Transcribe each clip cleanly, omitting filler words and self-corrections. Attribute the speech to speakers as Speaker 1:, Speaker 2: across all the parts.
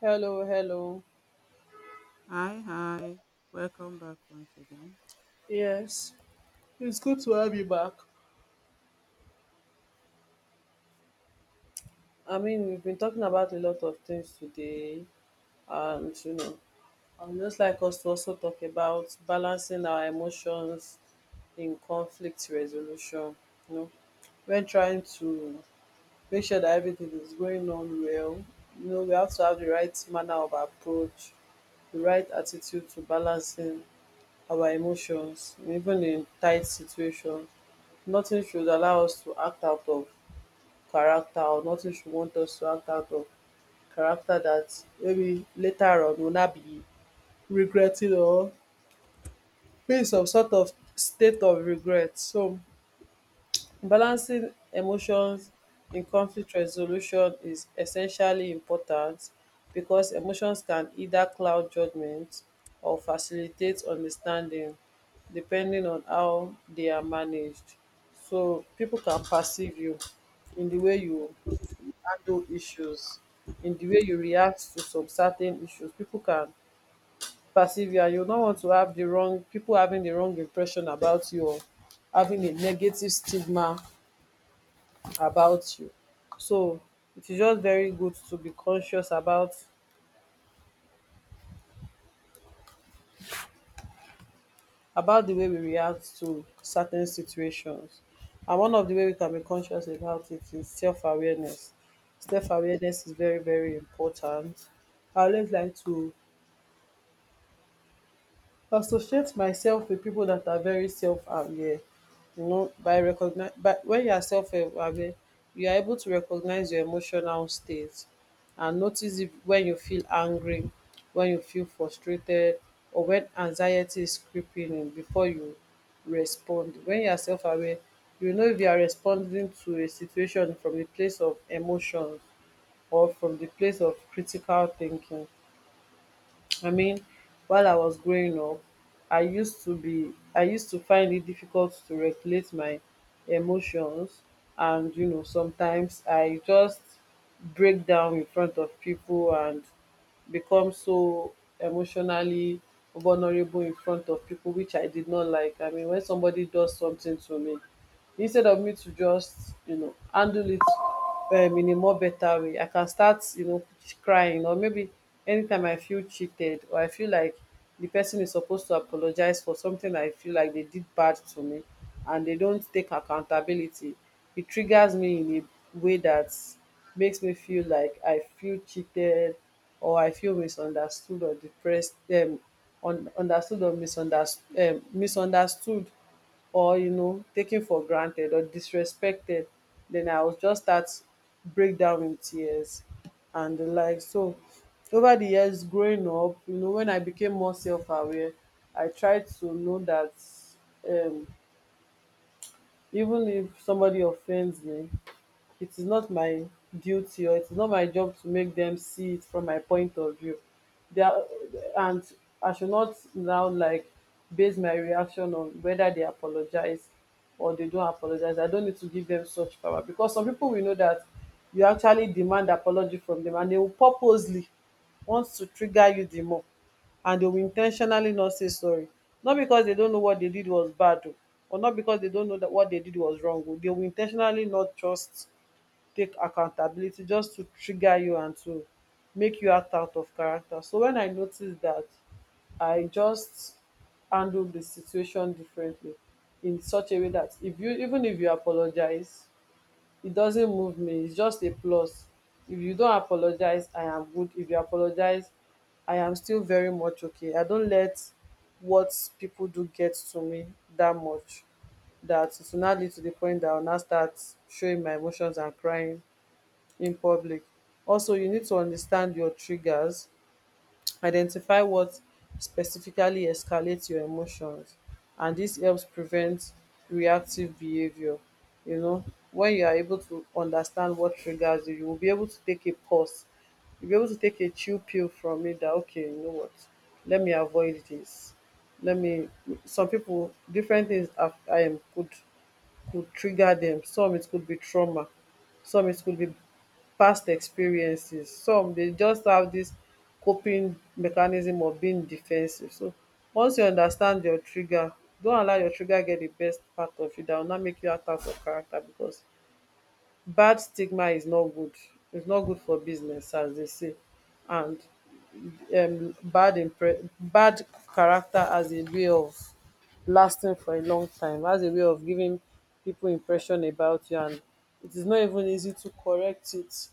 Speaker 1: Hello, hello.
Speaker 2: Hi, hi. Welcome back once again.
Speaker 1: Yes, it's good to have you back. I mean, we've been talking about a lot of things today, and you know, I would just like us to also talk about balancing our emotions in conflict resolution. You know, when trying to make sure that everything is going on well, you know, we have to have the right manner of approach, the right attitude to balancing our emotions, even in tight situations. Nothing should allow us to act out of character or nothing she wants us to act out of character that maybe later on will not be regretting or be in some sort of state of regret. So balancing emotions in conflict resolution is essentially important because emotions can either cloud judgment or facilitate understanding depending on how they are managed. So people can perceive you in the way you handle issues, in the way you react to some certain issues people can perceive you, and you no want to have the wrong people having the wrong impression about you or having a negative stigma about you. So it is just very good to be conscious about the way we react to certain situations, and one of the way we can be conscious about it is self-awareness. Self-awareness is very very important. I always like to associate myself with people that are very self-aware. You know, by recognize, but when you are self-aware, you are able to recognize your emotional state and notice if, when you feel angry, when you feel frustrated, or when anxiety is creeping in before you respond. When you are self-aware, you know if you are responding to a situation from the place of emotion or from the place of critical thinking. I mean, while I was growing up, I used to find it difficult to regulate my emotions, and you know, sometimes I just break down in front of people and become so emotionally vulnerable in front of people, which I did not like. I mean, when somebody does something to me, instead of me to just you know handle it in a more better way, I can start you know crying, or maybe anytime I feel cheated or I feel like the person is supposed to apologize for something I feel like they did bad to me and they don't take accountability, it triggers me in a way that makes me feel like I feel cheated or I feel misunderstood or depressed, un- understood or misunderstood misunderstood or you know taken for granted or disrespected, then I would just start break down in tears and the like. So over the years growing up, you know when I became more self-aware, I tried to know that um even if somebody offends me, it is not my duty or it is not my job to make them see it from my point of view. They are, and I should not now like base my reaction on whether they apologize or they don't apologize. I don't need to give them such power, because some people we know that you actually demand apology from them and they will purposely want to trigger you the more, and they will intentionally not say sorry. Not because they don't know what they did was bad o, or not because they don't know that what they did was wrong. O. They will intentionally not trust take accountability just to trigger you and to make you act out of character. So when I noticed that, I just handled the situation differently in such a way that if you even if you apologize, it doesn't move me. It's just a plus. If you don't apologize, I am good. If you apologize, I am still very much okay. I don't let what people do get to me that much. That it will not lead to the point that I will now start showing my emotions and crying in public. Also, you need to understand your triggers, identify what specifically escalates your emotions, and this helps prevent reactive behaviour. You know, when you are able to understand what triggers you, you will be able to take a pause, you'll be able to take a chill pill from it that okay, you know what, let me avoid this, let me some people different things af could trigger them. Some it could be trauma, some it could be past experiences. Some dey just have this coping mechanism of being defensive. So once you understand your trigger, don't allow your trigger get the best part of you. That will not make you act out of character, because bad stigma is not good. It's not good for business, as they say, and bad character as a way of lasting for a long time, as a way of giving people impression about you, and it is not even easy to correct it.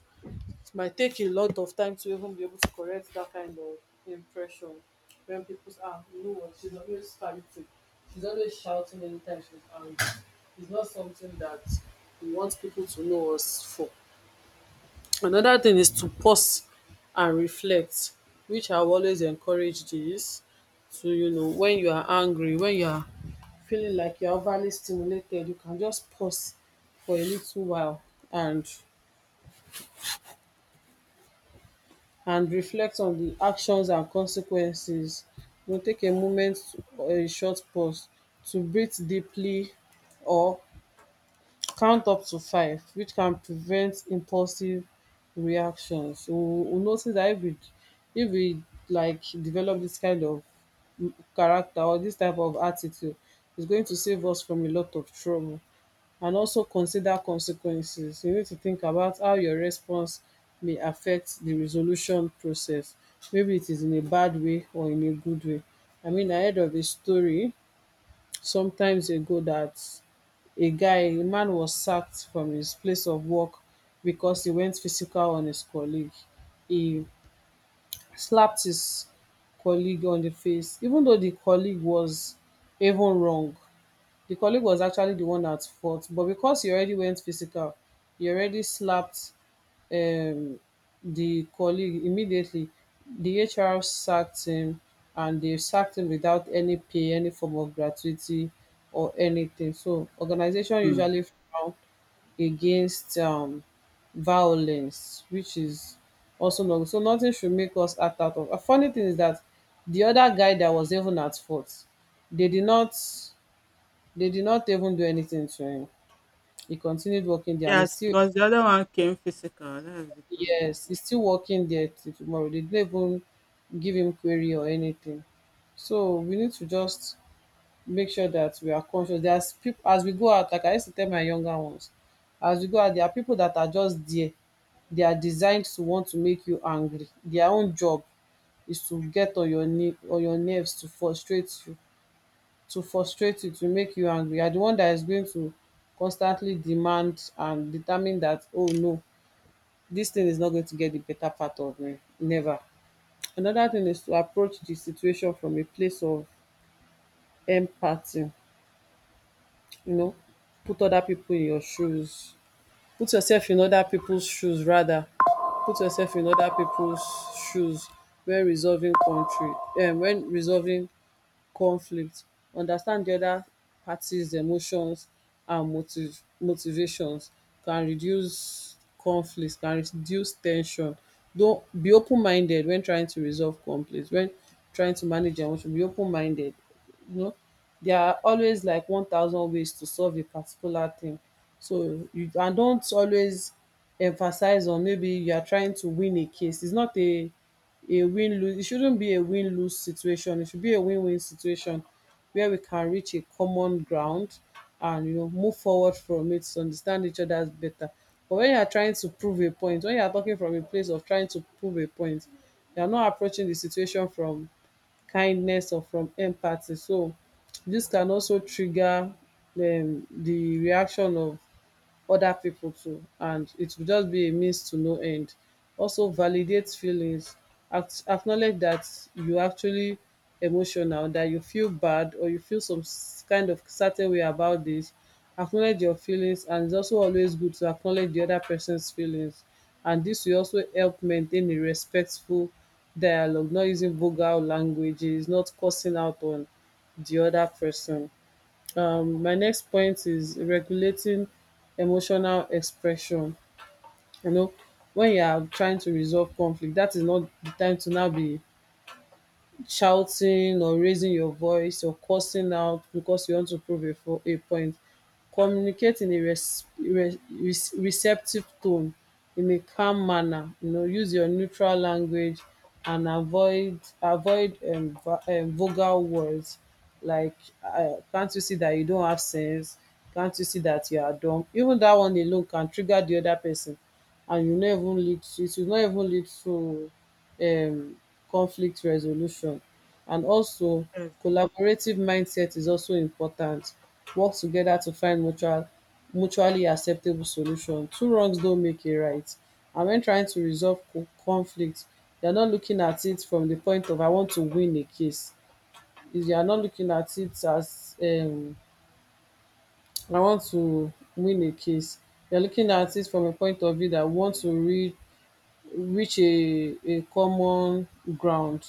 Speaker 1: It might take a lot of time to even be able to correct that kind of impression when people say, ah, you know what, she's always fighting. She's always shouting anytime she's angry. It's not something that we want people to know us for. Another thing is to pause and reflect, which I will always encourage this to, you know, when you are angry, when you are feeling like you're overly stimulated, you can just pause for a little while and and reflect on the actions and consequences. You go take a moment or a short pause to breathe deeply or count up to five, which can prevent impulsive reactions. You will notice that if we like develop this kind of character or this type of attitude, it's going to save us from a lot of trouble. And also consider consequences, you need to think about how your response may affect the resolution process, maybe it is in a bad way or in a good way. I mean, I heard of a story sometimes ago that a man was sacked from his place of work because he went physical on his colleague. He slapped his colleague on the face, even though the colleague was even wrong, the colleague was actually the one at fault. But because you already went physical, you already slapped um, the colleague immediately, the HR sacked him, and they sacked him without any pay, any form of gratuity or anything. So organization
Speaker 2: Hmm.
Speaker 1: usually frown against violence, which is also not good. So nothing should make us act out of. A funny thing is that the other guy that was even at fault, they did not they did not even do anything to him. He continued working there, and he's
Speaker 2: Yes,
Speaker 1: still
Speaker 2: because the other one came physical. That is the problem.
Speaker 1: yes, he's still working there till tomorrow. They didn't even give him query or anything. So we need to just make sure that we are conscious. There's people, as we go out, like I used to tell my younger ones, as we go out, there are people that are just there. They are designed to want to make you angry. Their own job is to get on your knee on your nerves, to frustrate you, to make you angry. You are the one that is going to constantly demand and determine that, oh no, this thing is not going to get the better part of me. Never. Another thing is to approach the situation from a place of empathy, you know, put other people in your shoes, put yourself in other people's shoes, rather put yourself in other people's shoes when resolving country when resolving conflict. Understand di oda party's emotions and motive motivations, can reduce conflict, can reduce ten sion. Don be open minded when trying to resolve conflict. When trying to manage your emotion, be open minded, you know, dia are always like 1,000 ways to solve a particular thing. So you, and don't always emphasize on maybe you are trying to win a case. It's not a a win lose, it shouldn't be a win lose situation. It should be a win win situation where we can reach a common ground, and you know move forward from it to understand each other better. But when you are trying to prove a point, when you are talking from a place of trying to prove a point, you are not approaching the situation from kindness or from empathy. So this can also trigger the reaction of other people too, and it will just be a means to no end. Also validate feelings. Acknowledge that you actually emotional, that you feel bad or you feel some kind of certain way about this. Acknowledge your feelings, and its also always good to acknowledge the other person's feelings, and this will also help maintain a respectful dialogue, not using vulgar languages, not cursing out on the other person. My next point is regulating emotional expression. You know, when you are trying to resolve conflict, that is not the time to now be shouting or raising your voice or cursing out because you want to prove a point. Communicate in a receptive tone, in a calm manner. You know, use your neutral language and avoid vulgar words like can't you see that you don't have sense? Can't you see that you are dumb? Even that one alone can trigger the other person, and you never lead. It will not even lead to um conflict resolution. And also,
Speaker 2: Yes.
Speaker 1: collaborative mindset is also important. Work together to find mutually acceptable solution. Two wrongs don't make a right, and when trying to resolve conflict, you're not looking at it from the point of I want to win a case. Is You're not looking at it as I want to win a case. You're looking at it from a point of view that I want to reach a common ground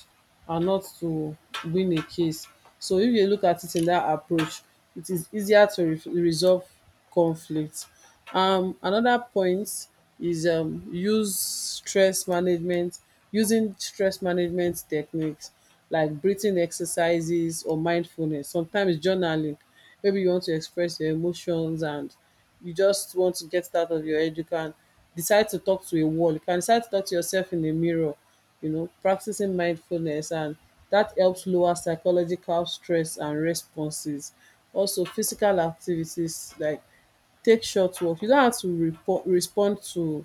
Speaker 1: and not to win a case. So if you look at it in that approach, it is easier to re resolve conflict. Another point is use stress management, using stress management techniques like breathing exercises or mindfulness, sometimes journaling. Maybe you want to express your emotions and you just want to get it out of your head. You can decide to talk to a wall, you can decide to talk to yourself in a mirror, you know, practicing mindfulness, and that helps lower psychological stress and responses. Also physical activities like take short walk. You don't have to respond to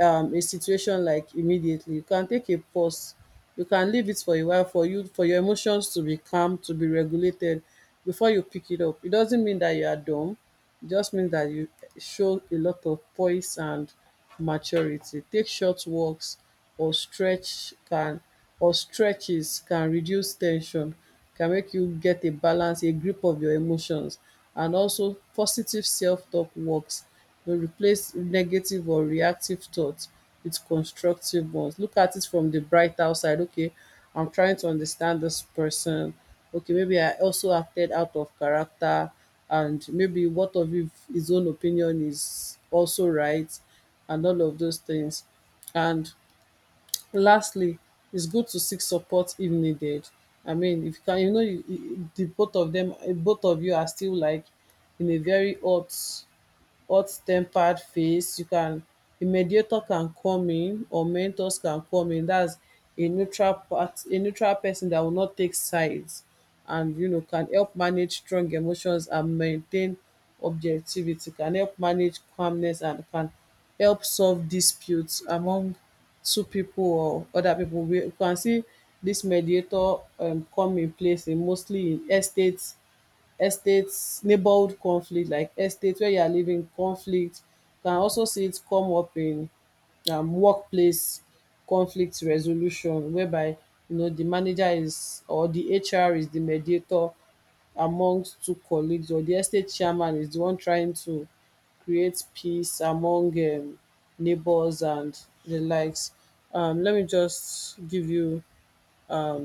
Speaker 1: a situation like immediately. You can take a pause, you can leave it for a while for your emotions to be calm, to be regulated before you pick it up. It doesn't mean that you are dumb, it just means that you show a lot of poise and maturity. Take short walks or stretches can reduce tension, can make you get a balance, a grip of your emotions. And also positive self-talk works. You replace negative or reactive thoughts with constructive ones. Look at it from the bright outside. Okay, I'm trying to understand this person. Okay, maybe I also acted out of character, and maybe what of if his own opinion is also right, and all of those things. And lastly, it's good to seek support if needed. I mean, if you can, you know, the both of them, both of you are still like in a very hot-tempered phase. You can, a mediator can come in, or mentors can come in. That's a neutral person that will not take sides and, you know, can help manage strong emotions and maintain objectivity, can help manage calmness and can help solve disputes among two people or other people. We You can see dis mediator come in place in mostly in estates neighborhood conflict, like estate where you are living conflict. You can also see it come up in workplace conflict resolution, whereby you know the manager is, or the HR is the mediator amongst two colleagues, or the estate chairman is the one trying to create peace among neighbors and the likes. Let me just give you um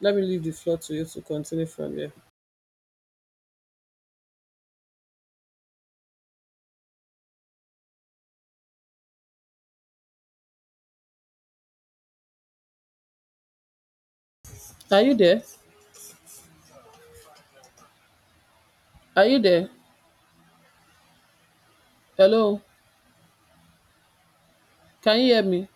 Speaker 1: let me leave the floor to you to continue from there. are you there are you there? Hello, can you hear me?